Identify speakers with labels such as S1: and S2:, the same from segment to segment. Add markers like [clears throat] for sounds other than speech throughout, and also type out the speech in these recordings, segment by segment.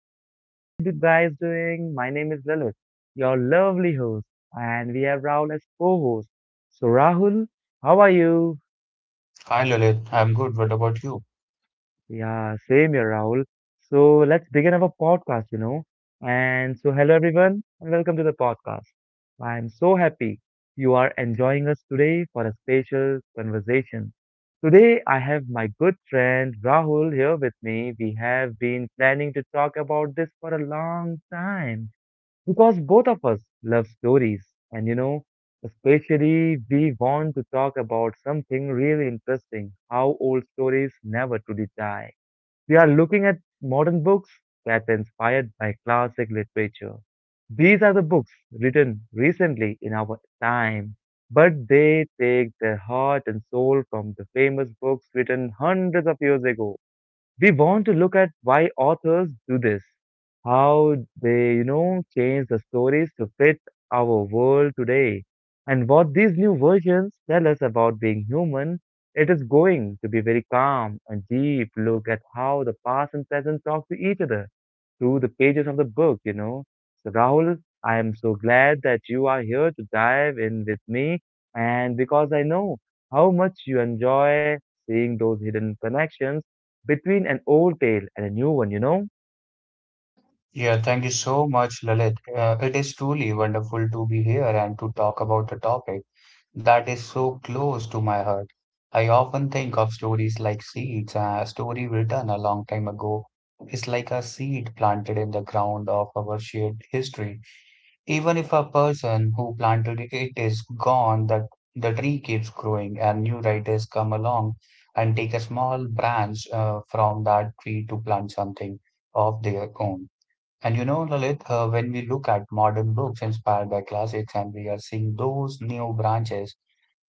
S1: listener. How are you guys doing? My name is Lalit, your lovely host, and we have Rahul as co host. So, Rahul, how are you?
S2: Hi Lalit, I'm good. What about you?
S1: Yeah, same here, Rahul. So let's begin our podcast, you know. And so, hello everyone, and welcome to the podcast. I'm so happy you are enjoying us today for a special conversation. Today, I have my good friend Rahul here with me. We have been planning to talk about this for a long time because both of us love stories, and you know, especially we want to talk about something really interesting how old stories never truly die. We are looking at modern books that were inspired by classic literature. These are the books written recently in our time, but they take their heart and soul from the famous books written hundreds of years ago. We want to look at why authors do this, how they, you know, change the stories to fit our world today, and what these new versions tell us about being human. It is going to be very calm and deep look at how the past and present talk to each other through the pages of the book, you know. So, Rahul, I am so glad that you are here to dive in with me, and because I know how much you enjoy seeing those hidden connections between an old tale and a new one, you know.
S2: Yeah, thank you so much, Lalit. It is truly wonderful to be here and to talk about a topic that is so close to my heart. I often think of stories like seeds. A story written a long time ago is like a seed planted in the ground of our shared history. Even if a person who planted it is gone, that the tree keeps growing, and new writers come along and take a small branch from that tree to plant something of their own. And you know, Lalit, when we look at modern books inspired by classics and we are seeing those new branches,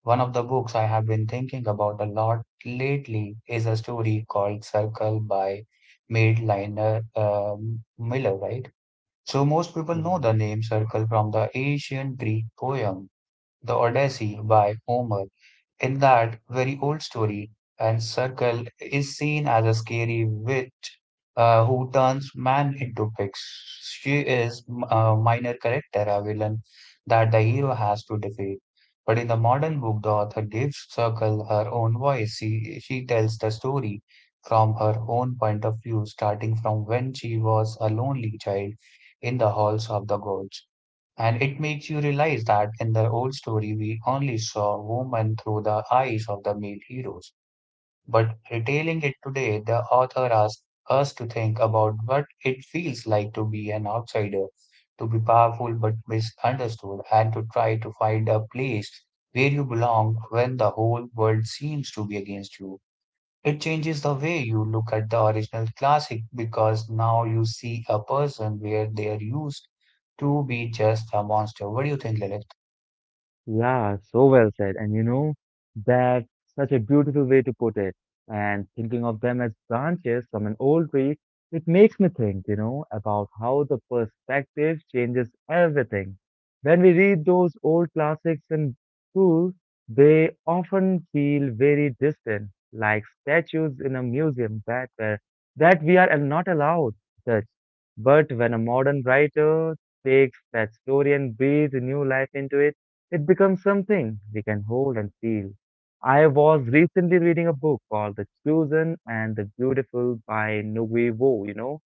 S2: one of the books I have been thinking about a lot lately is a story called Circle by Madeline Miller, right? So most people know
S1: Yeah.
S2: the name circle from the ancient Greek poem, The Odyssey by Homer. In that very old story, and Circle is seen as a scary witch who turns man into pigs. She is a minor character, a villain that the hero has to defeat. But in the modern book, the author gives Circle her own voice. She tells the story from her own point of view, starting from when she was a lonely child in the halls of the gods. And it makes you realize that in the old story, we only saw women through the eyes of the male heroes. But retailing it today, the author asks us to think about what it feels like to be an outsider, to be powerful but misunderstood, and to try to find a place where you belong when the whole world seems to be against you. It changes the way you look at the original classic because now you see a person where they are used to be just a monster. What do you think, Lilith?
S1: Yeah, so well said. And you know, that's such a beautiful way to put it. And thinking of them as branches from an old tree, it makes me think, you know, about how the perspective changes everything. When we read those old classics in school, they often feel very distant, like statues in a museum that were, that we are not allowed to touch. But when a modern writer takes that story and breathes new life into it, it becomes something we can hold and feel. I was recently reading a book called The Chosen and the Beautiful by Nobuo, you know,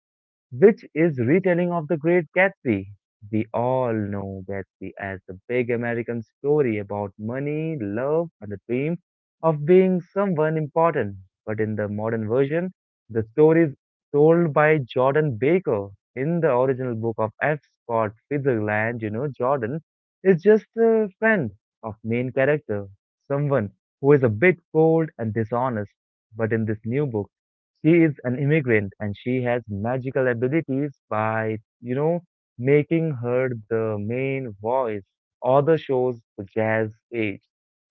S1: which is retelling of the Great Gatsby. We all know Gatsby as the big American story about money, love, and the dream of being someone important. But in the modern version, the story is told by Jordan Baker. In the original book of F. Scott Fitzgerald, you know, Jordan is just a friend of main character, someone who is a bit cold and dishonest. But in this new book, she is an immigrant and she has magical abilities by, you know, making her the main voice. Or the shows the jazz age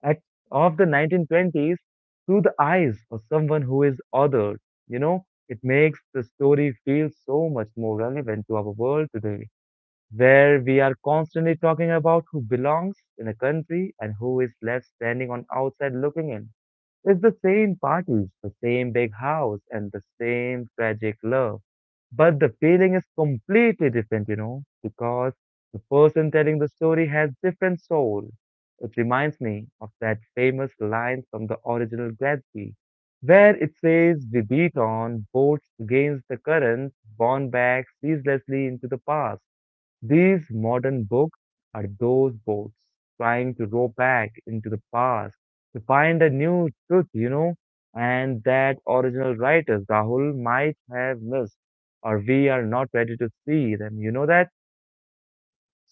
S1: at, of the 1920s through the eyes of someone who is othered. You know, it makes the story feel so much more relevant to our world today, where we are constantly talking about who belongs in a country and who is left standing on outside looking in. It's the same parties, the same big house, and the same tragic love. But the feeling is completely different, you know, because the person telling the story has different soul. It reminds me of that famous line from the original Gatsby, where it says, "We beat on boats against the current, borne back ceaselessly into the past." These modern books are those boats trying to row back into the past to find a new truth, you know, and that original writers, Rahul, might have missed, or we are not ready to see them. You know that?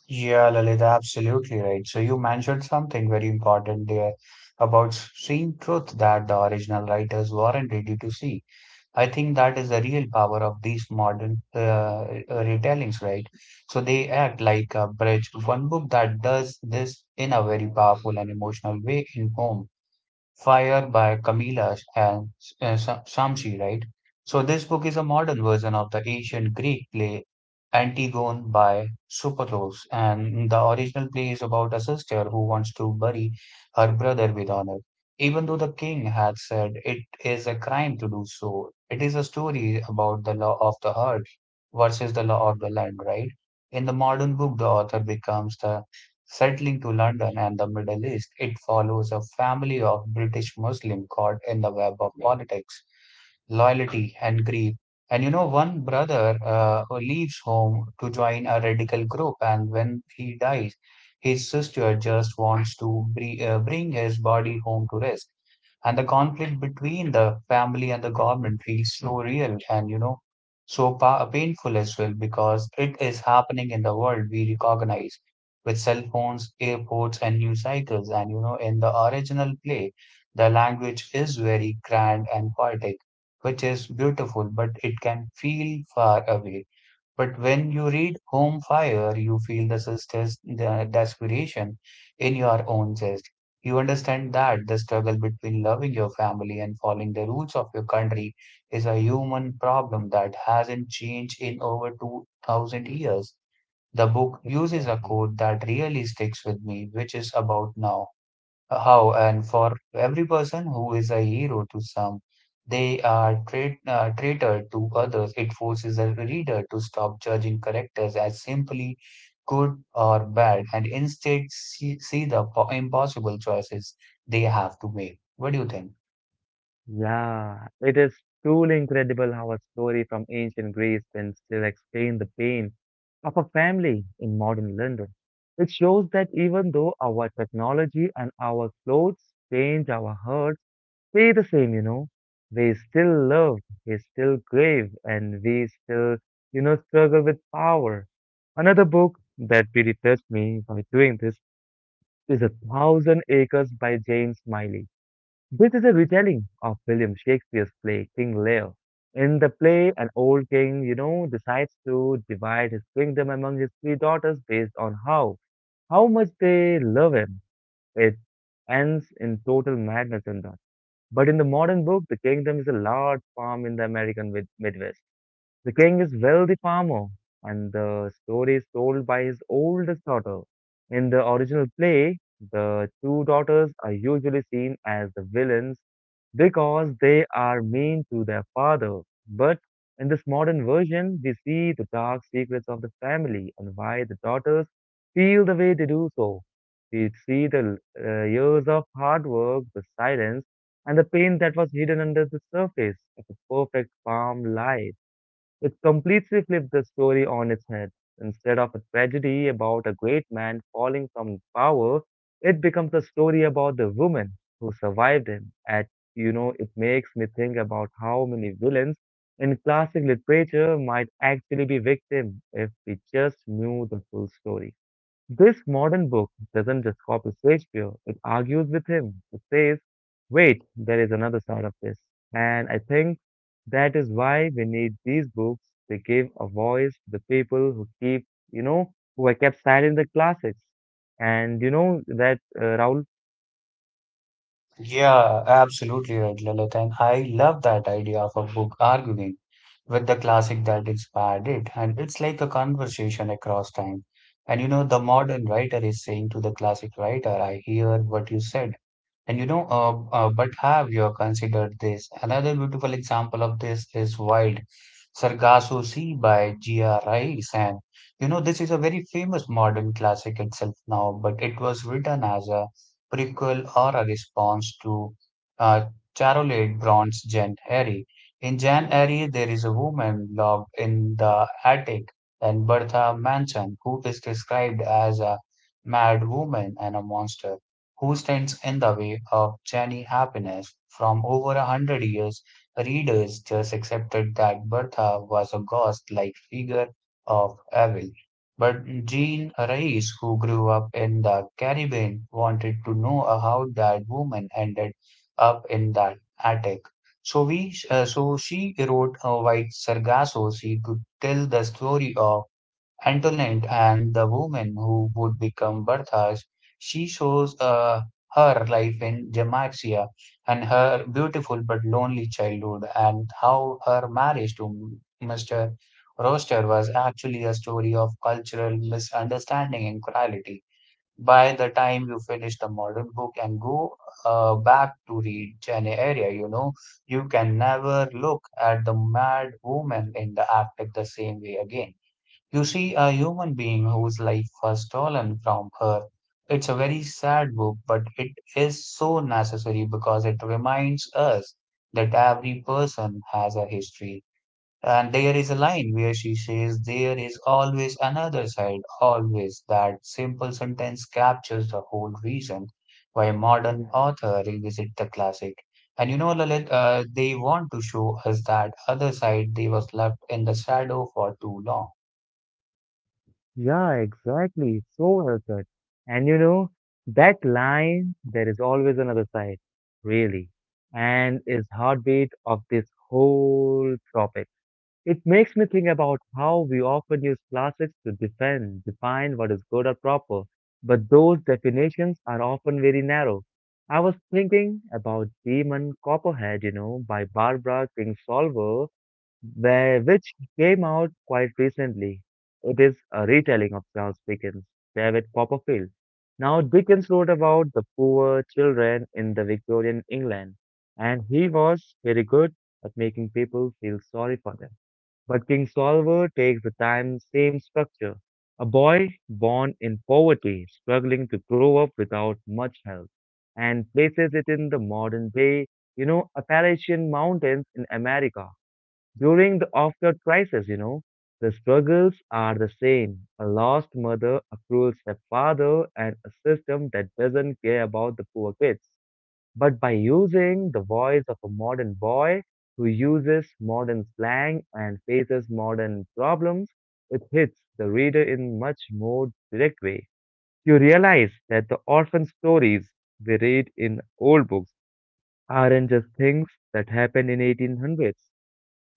S2: Yeah, Lalit, absolutely right. So you mentioned something very important there about seeing truth that the original writers weren't ready to see. I think that is the real power of these modern retellings, right? So they act like a bridge. One book that does this in a very powerful and emotional way in Home Fire by Camilla and Shamsi, right? So this book is a modern version of the ancient Greek play Antigone by Sophocles, and the original play is about a sister who wants to bury her brother with honor, even though the king had said it is a crime to do so. It is a story about the law of the heart versus the law of the land, right? In the modern book, the author becomes the Settling to London and the Middle East, it follows a family of British Muslim caught in the web of politics loyalty, and grief. And you know, one brother who leaves home to join a radical group, and when he dies, his sister just wants to bring his body home to rest. And the conflict between the family and the government feels so real and, you know, so painful as well because it is happening in the world we recognize with cell phones, airports, and news cycles. And, you know, in the original play, the language is very grand and poetic which is beautiful, but it can feel far away. But when you read Home Fire, you feel the sister's the desperation in your own chest. You understand that the struggle between loving your family and following the rules of your country is a human problem that hasn't changed in over 2000 years. The book uses a
S1: Exactly.
S2: quote that really sticks with me, which is about now how and for every person who is a hero to some they are traitor to others it forces a reader to stop judging characters as simply good or bad and instead see the impossible choices they have to make what do you think
S1: Yeah, it is truly incredible how a story from ancient Greece can still explain the pain of a family in modern London. It shows that even though our technology and our clothes change our heart, Way the same, you know. We still love, we still crave, and we still, you know, struggle with power. Another book that really touched me by doing this is A Thousand Acres by James Smiley. This is a retelling of William Shakespeare's play King Lear. In the play, an old king, you know, decides to divide his kingdom among his three daughters based on how much they love him. It ends in total madness and but in the modern book, the kingdom is a large farm in the American mid- Midwest. The king is wealthy farmer, and the story is told by his oldest daughter. In the original play, the two daughters are usually seen as the villains because they are mean to their father. But in this modern version, we see the dark secrets of the family and why the daughters feel the way they do so. We see the years of hard work, the silence, and the pain that was hidden under the surface of a perfect farm life. It completely flipped the story on its head. Instead of a tragedy about a great man falling from power, it becomes a story about the woman who survived him. At you know, it makes me think about how many villains in classic literature might actually be victims if we just knew the full story. This modern book doesn't just copy Shakespeare, it argues with him. It says, wait, there is another side of this. And I think that is why we need these books. They give a voice to the people who keep, you know, who are kept silent in the classics. And you know that, Raul?
S2: Yeah, absolutely right, Lilith. And I love that idea of a book arguing with the classic that inspired it. And it's like a conversation across time. And you know, the modern writer is saying to the classic writer, I hear what you said. And you know, but have you considered this? Another beautiful example of this is Wild Sargasso Sea by G.R. Rice. And you know, this is a very famous modern classic itself now, but it was written as a prequel or a response to uh, Charlotte Brontë's Jane Eyre. In Jane Eyre, there is a woman locked in the attic and Bertha Manson, who is described as a mad woman and a monster who stands in the way of Jenny happiness. From over 100 years, readers just accepted that Bertha was a ghost-like figure of evil. But Jean Reyes, who grew up in the Caribbean, wanted to know how that woman ended up in that attic. So she wrote White Sargasso. She could tell the story of Antoinette and the woman who would become Bertha's, she shows her life in Jamaica and her beautiful but lonely childhood, and how her marriage to Mr. Roster was actually a story of cultural misunderstanding and cruelty. By the time you finish the modern book and go back to read Jane Eyre, you know, you can never look at the mad woman in the act the same way again. You see a human being whose life was stolen from her. It's a very sad book, but it is so necessary because it reminds us that every person has a history. And there is a line where she says, "There is always another side, always." That simple sentence captures the whole reason why modern
S1: Yeah.
S2: author revisit the classic. And you know, Lalit, they want to show us that other side they was left in the shadow for too long.
S1: Yeah, exactly. So well said. And you know, that line, there is always another side, really, and is heartbeat of this whole topic. It makes me think about how we often use classics to defend, define what is good or proper, but those definitions are often very narrow. I was thinking about Demon Copperhead, you know, by Barbara Kingsolver, where, which came out quite recently. It is a retelling of Charles Dickens' David Copperfield. Now, Dickens wrote about the poor children in the Victorian England, and he was very good at making people feel sorry for them. But King Solver takes the time, same structure. A boy born in poverty, struggling to grow up without much help, and places it in the modern day, you know, Appalachian Mountains in America. During the after crisis, you know, the struggles are the same. A lost mother, a cruel stepfather, and a system that doesn't care about the poor kids but by using the voice of a modern boy who uses modern slang and faces modern problems, it hits the reader in much more direct way. You realize that the orphan stories we read in old books aren't just things that happened in 1800s.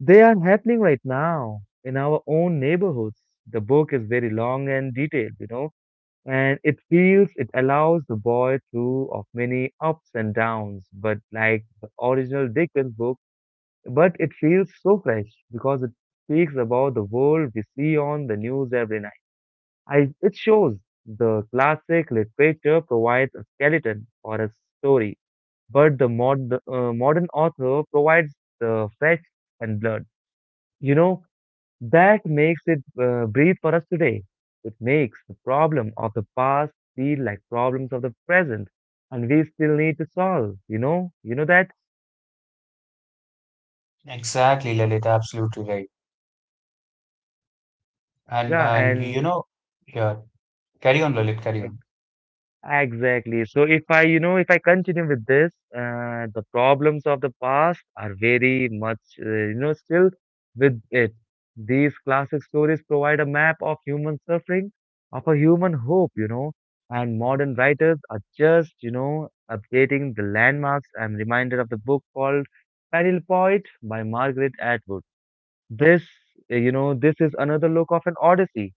S1: They are happening right now in our own neighborhoods. The book is very long and detailed, you know, and it feels it allows the boy through of many ups and downs but like the original dickens book but it feels so fresh because it speaks about the world we see on the news every night. I, it shows the classic literature provides a skeleton for a story but the modern author provides the fresh and blood, you know, that makes it breathe for us today. It makes the problem of the past feel like problems of the present, and we still need to solve. You know that.
S2: Exactly, Lalit, absolutely right.
S1: Yeah,
S2: And You
S1: and
S2: know, yeah, carry on, Lalit, carry on.
S1: Exactly. So if I, you know, if I continue with this, the problems of the past are very much, you know, still with it. These classic stories provide a map of human suffering, of a human hope, you know, and modern writers are just, you know, updating the landmarks. I'm reminded of the book called Peril Poet by Margaret Atwood. This, you know, this is another look of an Odyssey.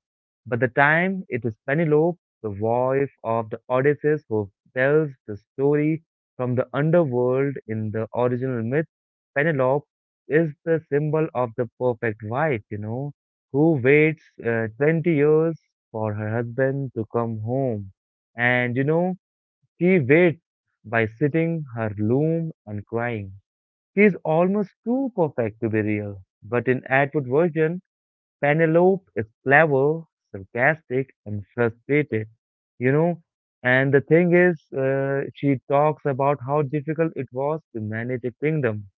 S1: But the time it is Penelope, the wife of the Odysseus, who tells the story from the underworld in the original myth, Penelope is the symbol of the perfect wife, you know, who waits 20 years for her husband to come home. And, you know, she waits by sitting her loom and crying. She is almost too perfect to be real. But in Atwood version, Penelope is clever, sarcastic, and frustrated. You know, and the thing is, she talks about how difficult it was to manage a kingdom.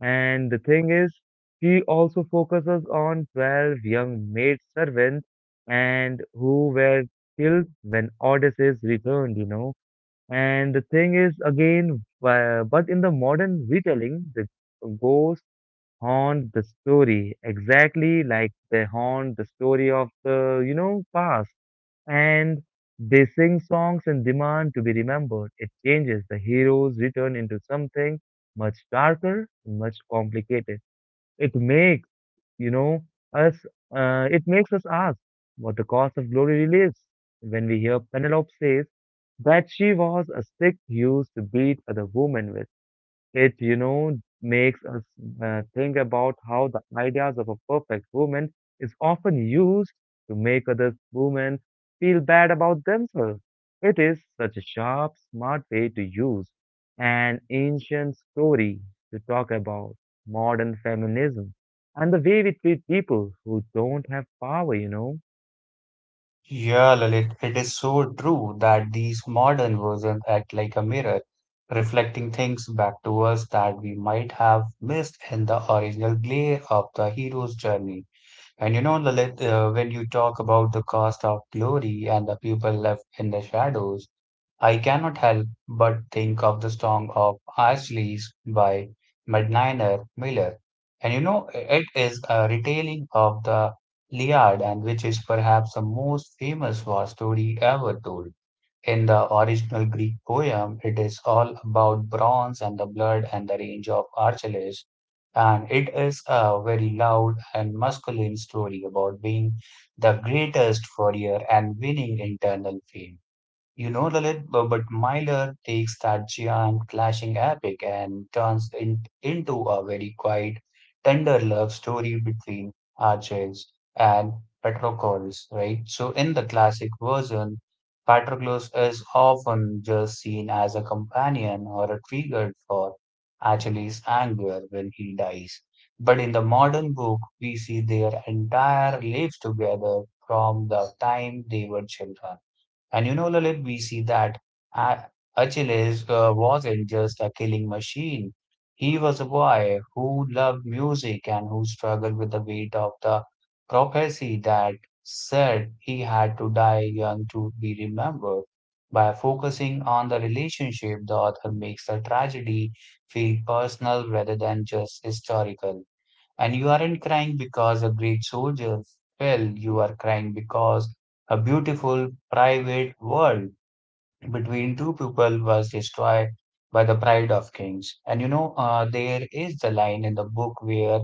S1: And the thing is, she also focuses on 12 young maid servants and who were killed when Odysseus returned, you know, and the thing is, again, but in the modern retelling, the ghosts haunt the story exactly like they haunt the story of the, you know, past. And they sing songs and demand to be remembered. It changes. The heroes return into something much darker, much complicated. It makes you know, us, it makes us ask what the cost of glory really is. When we hear Penelope says that she was a stick used to beat other women with, makes us think about how the ideas of a perfect woman is often used to make other women feel bad about themselves. It is such a sharp, smart way to use an ancient story to talk about modern feminism and the way we treat people who don't have power.
S2: Yeah, Lalit, it is so true that these modern versions act like a mirror, reflecting things back to us that we might have missed in the original glare of the hero's journey. And you know, Lalit, when you talk about the cost of glory and the people left in the shadows, I cannot help but think of the Song of Achilles by Medniner Miller. And you know, it is a retelling of the Iliad, and which is perhaps the most famous war story ever told. In the original Greek poem, it is all about bronze and the blood and the range of Achilles. And it is a very loud and masculine story about being the greatest warrior and winning internal fame. You know, Lalit, but Myler takes that giant clashing epic and turns it into a very quiet, tender love story between Arches and Patroclus, right? So, in the classic version, Patroclus is often just seen as a companion or a trigger for Achilles' anger when he dies. But in the modern book, we see their entire lives together from the time they were children and you know, Lalit, we see that uh, Achilles wasn't just a killing machine. He was a boy who loved music and who struggled with the weight of the prophecy that said he had to die young to be remembered. By focusing on the relationship, the author makes the tragedy feel personal rather than just historical. And you aren't crying because a great soldier fell, you are crying because a beautiful private world between two people was destroyed by the pride of kings. And you know, there is the line in the book where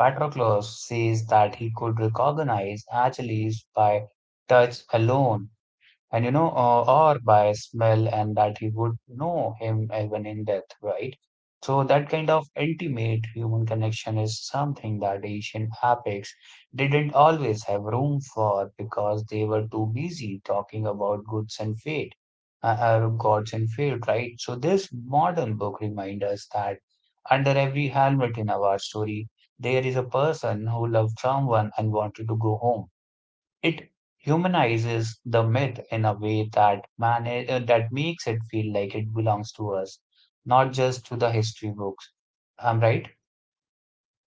S2: Patroclus says that he could recognize Achilles by touch alone and you know, or by smell, and that he would know him even in death, right? So that kind of intimate human connection is something that ancient epics didn't always have room for because they were too busy talking about goods and fate, gods and fate, right? So this modern book reminds us that under every helmet in our story, there is a person who loved someone and wanted to go home it humanizes the myth in a way that makes it feel like it belongs to us, not just to the history books. I'm right.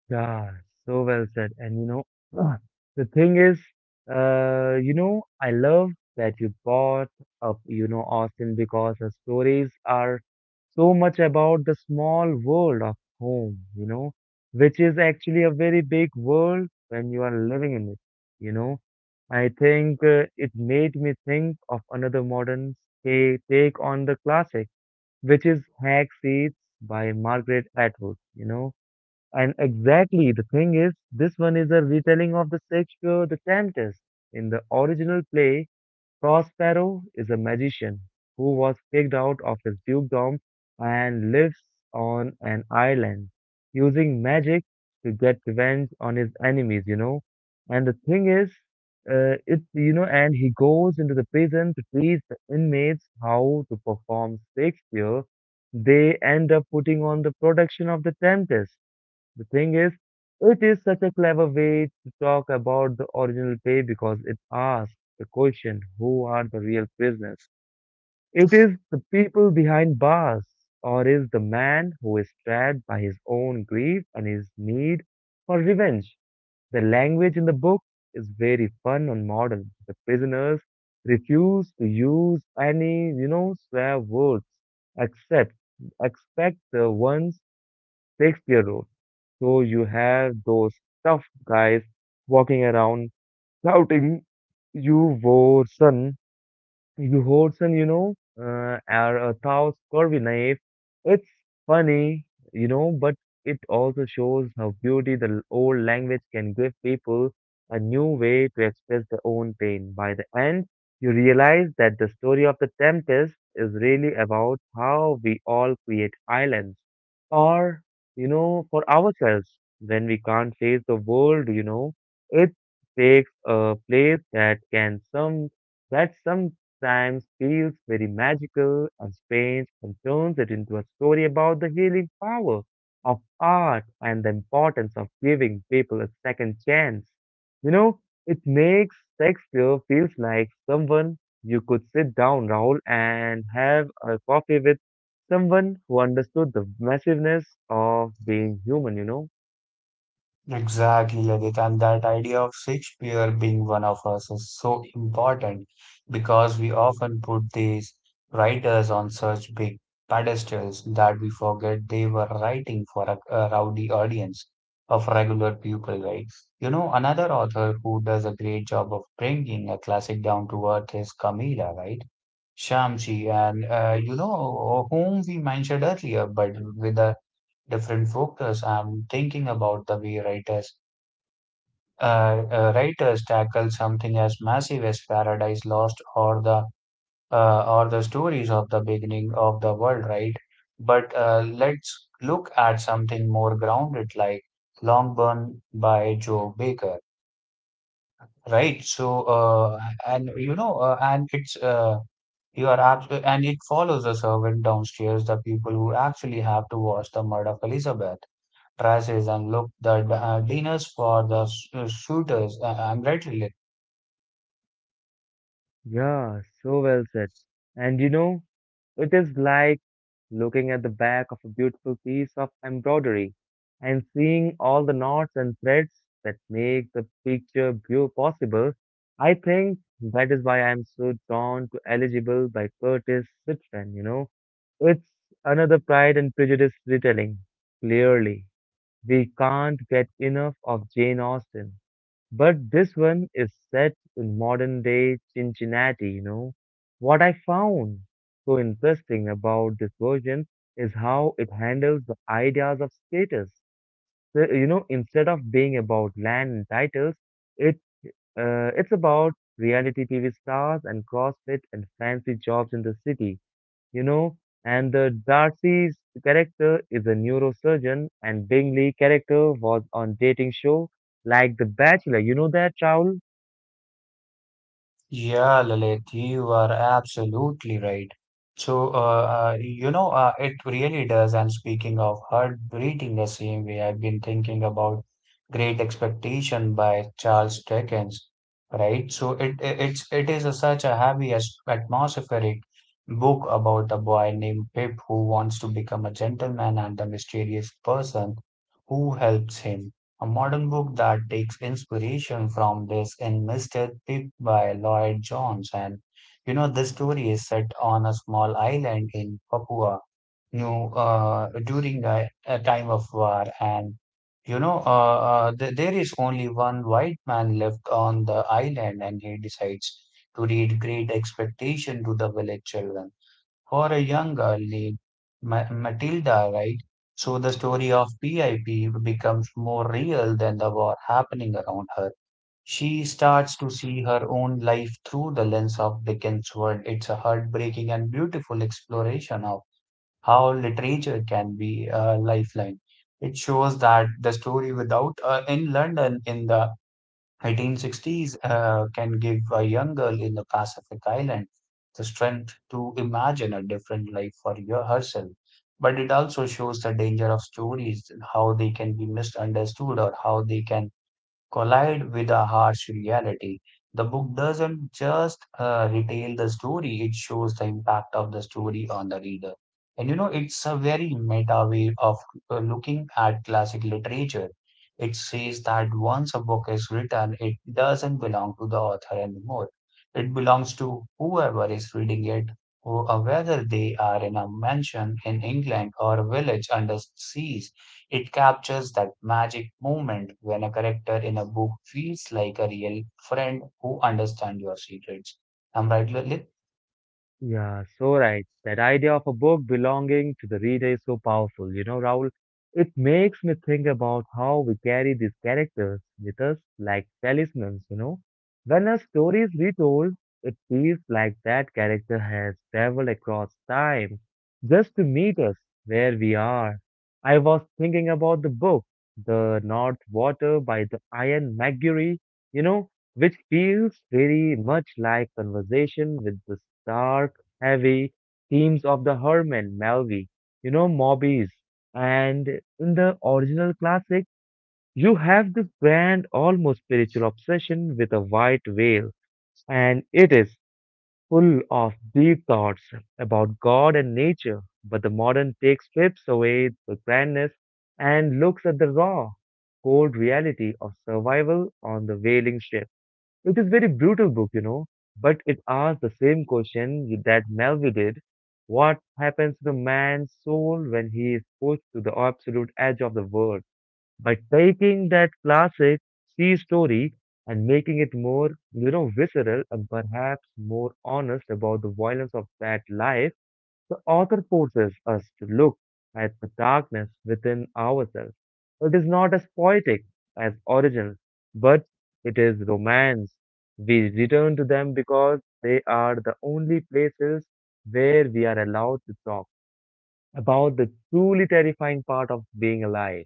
S1: Yeah, so well said. And you know, [clears throat] the thing is, I love that you brought up Austin because her stories are so much about the small world of home, which is actually a very big world when you are living in it, you know. I think it made me think of another modern take on the classic, which is Hag Seats by Margaret Atwood, you know and exactly, the thing is, this one is a retelling of the Shakespeare the Tempest. In the original play, Prospero is a magician who was kicked out of his dukedom and lives on an island, using magic to get revenge on his enemies. And the thing is, and he goes into the prison to teach the inmates how to perform Shakespeare. They end up putting on the production of the Tempest, the thing is, it is such a clever way to talk about the original play because it asks the question, who are the real prisoners? It is the people behind bars, or is the man who is trapped by his own grief and his need for revenge? The language in the book is very fun and modern. The prisoners refuse to use any swear words except expect the ones Shakespeare wrote. So you have those tough guys walking around shouting, You wore son. Johansson, you know, or Taos Corvinaev. It's funny, you know, but it also shows how beauty the old language can give people a new way to express their own pain. By the end, you realize that the story of the Tempest is really about how we all create islands or, you know, for ourselves when we can't face the world. It takes a place that can some that some times feels very magical and strange and turns it into a story about the healing power of art and the importance of giving people a second chance. You know, it makes Shakespeare feels like someone you could sit down, Raoul, and have a coffee with someone who understood the massiveness of being human.
S2: Exactly, Adit. And that idea of Shakespeare being one of us is so important because we often put these writers on such big pedestals that we forget they were writing for a rowdy audience of regular people, right? You know, another author who does a great job of bringing a classic down to earth is Camilla, right? Shamsi, and you know, whom we mentioned earlier, but with a different focus. I'm thinking about the way writers writers tackle something as massive as Paradise Lost or the stories of the beginning of the world, right? But let's look at something more grounded like Longburn by Joe Baker, right? So and you know and it's you are abs- and it follows a servant downstairs, the people who actually have to wash the mud of Elizabeth. Prices and look the dinners for the shooters. I'm right, Lilith?
S1: Yeah, so well said. And you know, it is like looking at the back of a beautiful piece of embroidery and seeing all the knots and threads that make the picture beau- possible. I think that is why I am so drawn to Eligible by Curtis Citron, you know. It's another Pride and Prejudice retelling. Clearly, we can't get enough of Jane Austen. But this one is set in modern day Cincinnati, you know. What I found so interesting about this version is how it handles the ideas of status. So, you know, instead of being about land and titles, it it's about reality TV stars and CrossFit and fancy jobs in the city, you know. And the Darcy's character is a neurosurgeon, and Bingley character was on dating show like The Bachelor. You know that, Raul?
S2: Yeah, Lilith, you are absolutely right. So, uh, uh, it really does. And speaking of heartbreaking, the same way I've been thinking about Great Expectation by Charles Dickens, right? So it it is a, such a atmospheric book about a boy named Pip who wants to become a gentleman and the mysterious person who helps him. A modern book that takes inspiration from this in Mr. Pip by Lloyd Jones. And you know, the story is set on a small island in Papua New during a time of war. And you know, th there is only one white man left on the island, and he decides to read Great Expectation to the village children for a young girl named Matilda, right? So the story of PIP becomes more real than the war happening around her. She starts to see her own life through the lens of Dickens' world. It's a heartbreaking and beautiful exploration of how literature can be a lifeline. It shows that the story without in London in the 1960s can give a young girl in the Pacific Island the strength to imagine a different life for herself. But it also shows the danger of stories, how they can be misunderstood or how they can collide with a harsh reality. The book doesn't just retell the story, it shows the impact of the story on the reader. And you know, it's a very meta way of looking at classic literature. It says that once a book is written, it doesn't belong to the author anymore. It belongs to whoever is reading it, whether they are in a mansion in England or a village under sea. It captures that magic moment when a character in a book feels like a real friend who understands your secrets. I'm right, Lalit?
S1: Yeah, so right. That idea of a book belonging to the reader is so powerful, you know, Raoul. It makes me think about how we carry these characters with us like talismans, you know. When a story is retold, it feels like that character has traveled across time just to meet us where we are. I was thinking about the book, The North Water by the Ian McGuire, you know, which feels very much like conversation with the stark, heavy themes of the Herman Melville, you know, Mobbies. And in the original classic, you have this grand, almost spiritual obsession with a white whale, and it is full of deep thoughts about God and nature. But the modern take strips away the grandness and looks at the raw, cold reality of survival on the whaling ship. It is very brutal book, you know, but it asks the same question that Melville did. What happens to the man's soul when he is pushed to the absolute edge of the world? By taking that classic sea story and making it more, you know, visceral and perhaps more honest about the violence of that life, the author forces us to look at the darkness within ourselves. It is not as poetic as origins, but it is romance. We return to them because they are the only places where we are allowed to talk about the truly terrifying part of being alive.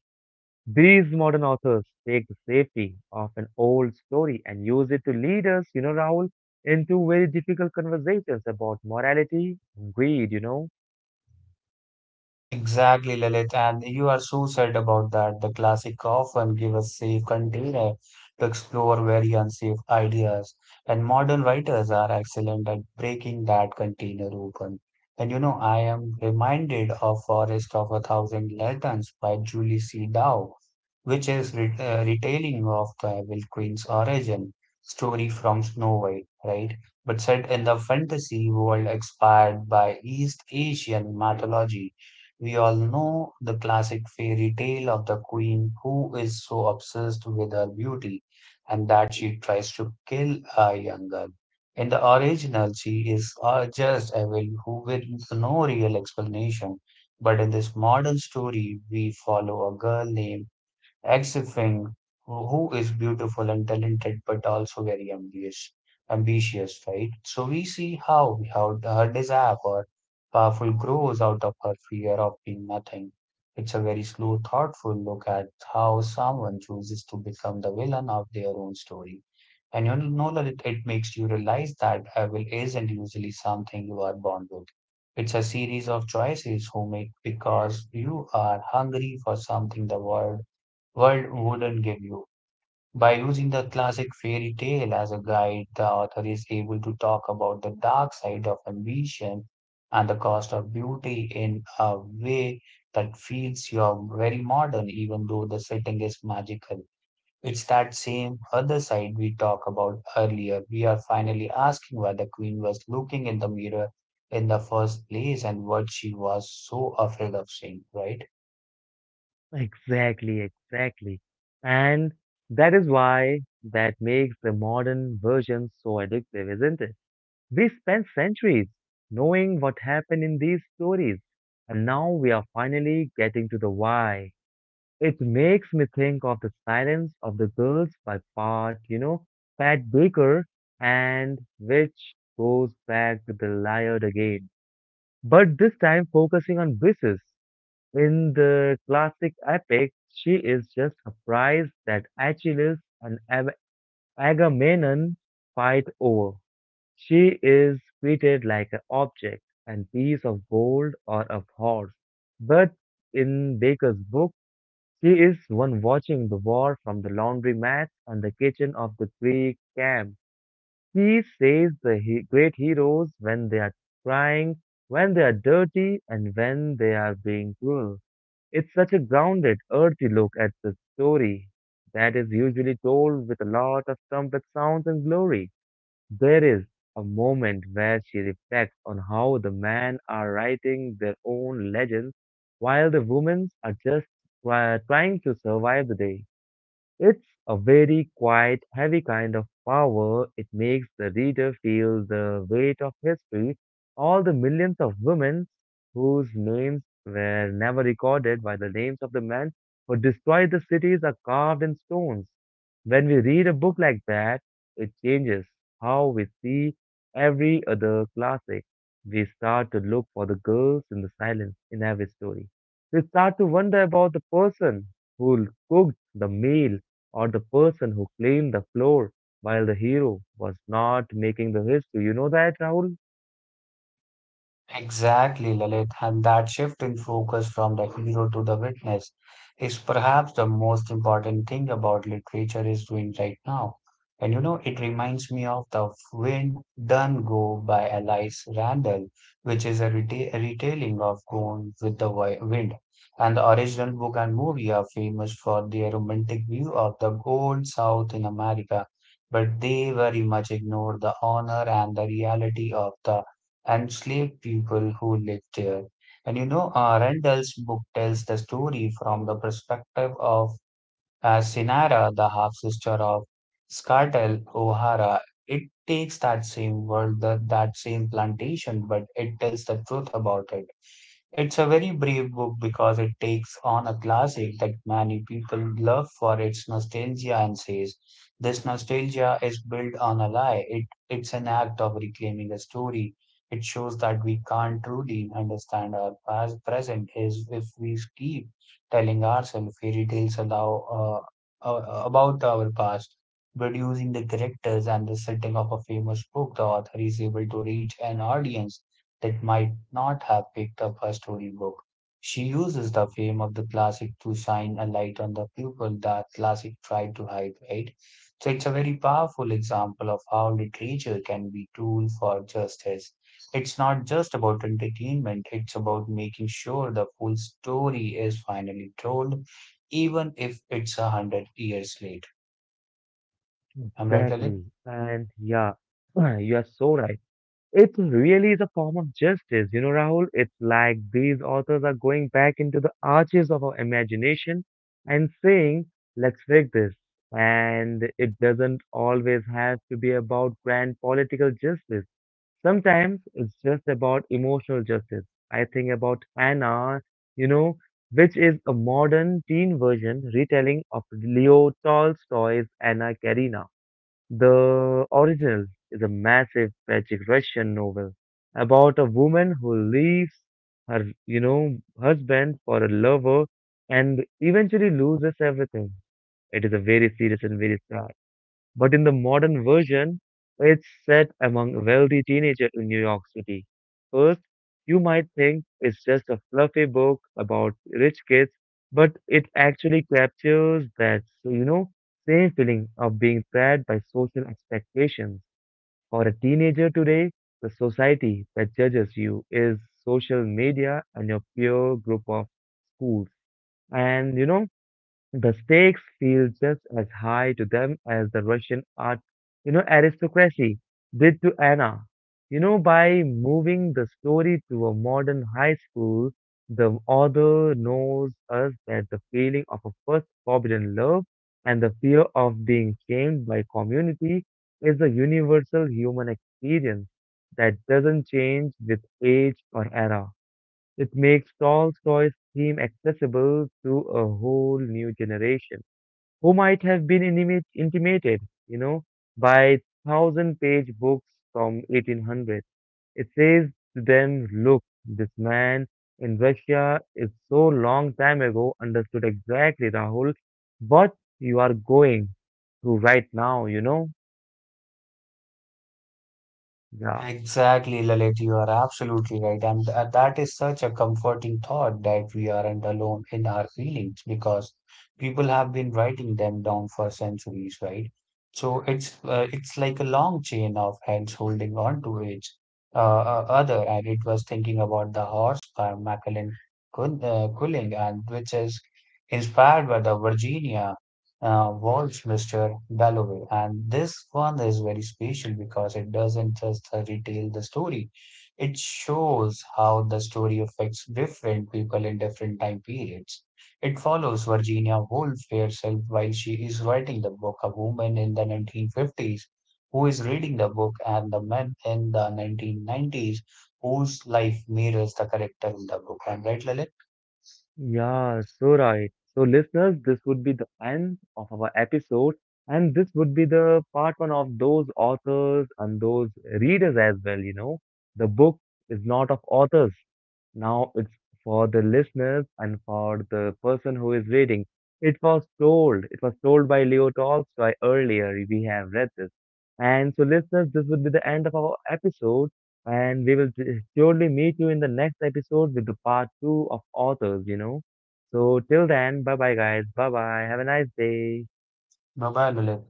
S1: These modern authors take the safety of an old story and use it to lead us, you know, Rahul, into very difficult conversations about morality and greed, you know.
S2: Exactly, Lilith, and you are so sad about that. The classic often give us safe container to explore very unsafe ideas, and modern writers are excellent at breaking that container open. And you know, I am reminded of Forest of a Thousand Lanterns by Julie C. Dow, which is retelling of the Evil Queen's origin story from Snow White, right? But set in the fantasy world inspired by East Asian mythology. We all know the classic fairy tale of the queen who is so obsessed with her beauty and that she tries to kill a young girl. In the original, she is just evil who with no real explanation. But in this modern story, we follow a girl named Exifing, who is beautiful and talented, but also very ambitious, ambitious, right? So we see how her desire for powerful grows out of her fear of being nothing. It's a very slow, thoughtful look at how someone chooses to become the villain of their own story. And you know that it makes you realize that evil isn't usually something you are born with. It's a series of choices you make because you are hungry for something the world wouldn't give you. By using the classic fairy tale as a guide, the author is able to talk about the dark side of ambition and the cost of beauty in a way that feels you're very modern, even though the setting is magical. It's that same other side we talked about earlier. We are finally asking why the queen was looking in the mirror in the first place and what she was so afraid of seeing, right?
S1: Exactly, exactly. And that is why that makes the modern version so addictive, isn't it? We spent centuries knowing what happened in these stories, and now we are finally getting to the why. It makes me think of The Silence of the Girls by Pat, you know, Pat Baker, and which goes back to the Liard again. But this time focusing on Brises. In the classic epic, she is just surprised that Achilles and Agamemnon fight over. She is treated like an object and piece of gold or a horse. But in Baker's book, she is one watching the war from the laundry mat and the kitchen of the Greek camp. He says the great heroes when they are crying, when they are dirty, and when they are being cruel. It's such a grounded, earthy look at the story that is usually told with a lot of trumpet sounds and glory. There is a moment where she reflects on how the men are writing their own legends while the women are just trying to survive the day. It's a very quiet, heavy kind of power. It makes the reader feel the weight of history, all the millions of women whose names were never recorded by the names of the men who destroyed the cities are carved in stones. When we read a book like that, it changes how we see every other classic. We start to look for the girls in the silence in every story. We start to wonder about the person who cooked the meal or the person who cleaned the floor while the hero was not making the history. You know that, Rahul?
S2: Exactly, Lalit, and that shift in focus from the hero to the witness is perhaps the most important thing about literature is doing right now. And you know, it reminds me of the Wind Done Go by Alice Randall, which is a retelling of Gone with the Wind. And the original book and movie are famous for their romantic view of the old South in America, but they very much ignore the honor and the reality of the and slave people who lived there. And you know, Rendell's book tells the story from the perspective of Sinara, the half sister of Scartel O'Hara. It takes that same world, that same plantation, but it tells the truth about it. It's a very brave book because it takes on a classic that many people love for its nostalgia and says, this nostalgia is built on a lie. It's an act of reclaiming a story. It shows that we can't truly understand our past present is if we keep telling ourselves fairy tales allow, about our past. But using the characters and the setting of a famous book, the author is able to reach an audience that might not have picked up her storybook. She uses the fame of the classic to shine a light on the people that classic tried to hide, right? So it's a very powerful example of how literature can be tool for justice. It's not just about entertainment, it's about making sure the full story is finally told, even if it's a hundred years late. I'm right, Lalit?
S1: Exactly. And yeah, [clears throat] you are so right. It really is a form of justice, you know, Rahul. It's like these authors are going back into the arches of our imagination and saying, let's fix this. And it doesn't always have to be about grand political justice. Sometimes it's just about emotional justice. I think about Anna, you know, which is a modern teen version retelling of Leo Tolstoy's Anna Karenina. The original is a massive tragic Russian novel about a woman who leaves her husband for a lover and eventually loses everything. It is a very serious and very sad, but in the modern version, it's set among wealthy teenagers in New York City. First, you might think it's just a fluffy book about rich kids, but it actually captures that, so you know, same feeling of being trapped by social expectations. For a teenager today, the society that judges you is social media and your peer group of schools. And you know, the stakes feel just as high to them as the Russian art, you know, aristocracy did to Anna. You know, by moving the story to a modern high school, the author knows us that the feeling of a first forbidden love and the fear of being shamed by community is a universal human experience that doesn't change with age or era. It makes Tolstoy seem accessible to a whole new generation who might have been intimate, intimated, you know, by thousand-page books from 1800. It says to them, look, this man in Russia is so long time ago understood exactly, Rahul, what you are going through right now, you know. Yeah.
S2: Exactly, Lalit, you are absolutely right. And that is such a comforting thought that we aren't alone in our feelings because people have been writing them down for centuries, right? So it's like a long chain of hands holding on to each uh, other. And it was thinking about the horse by Macallan Culling, and which is inspired by the Virginia was Mr. Dalloway. And this one is very special because it doesn't just retell the story, it shows how the story affects different people in different time periods. It follows Virginia Woolf herself while she is writing the book, a woman in the 1950s who is reading the book, and the man in the 1990s whose life mirrors the character in the book. I'm right, Lalit?
S1: Yeah, so right. So, listeners, this would be the end of our episode, and this would be the part one of those authors and those readers as well. You know, the book is not of authors. Now it's for the listeners and for the person who is reading. It was told by Leo Tolstoy earlier. We have read this. And so, listeners, this would be the end of our episode. And we will surely meet you in the next episode with the part two of authors, you know. So till then, bye bye, guys. Bye bye. Have a nice day.
S2: No, bye, Lalit.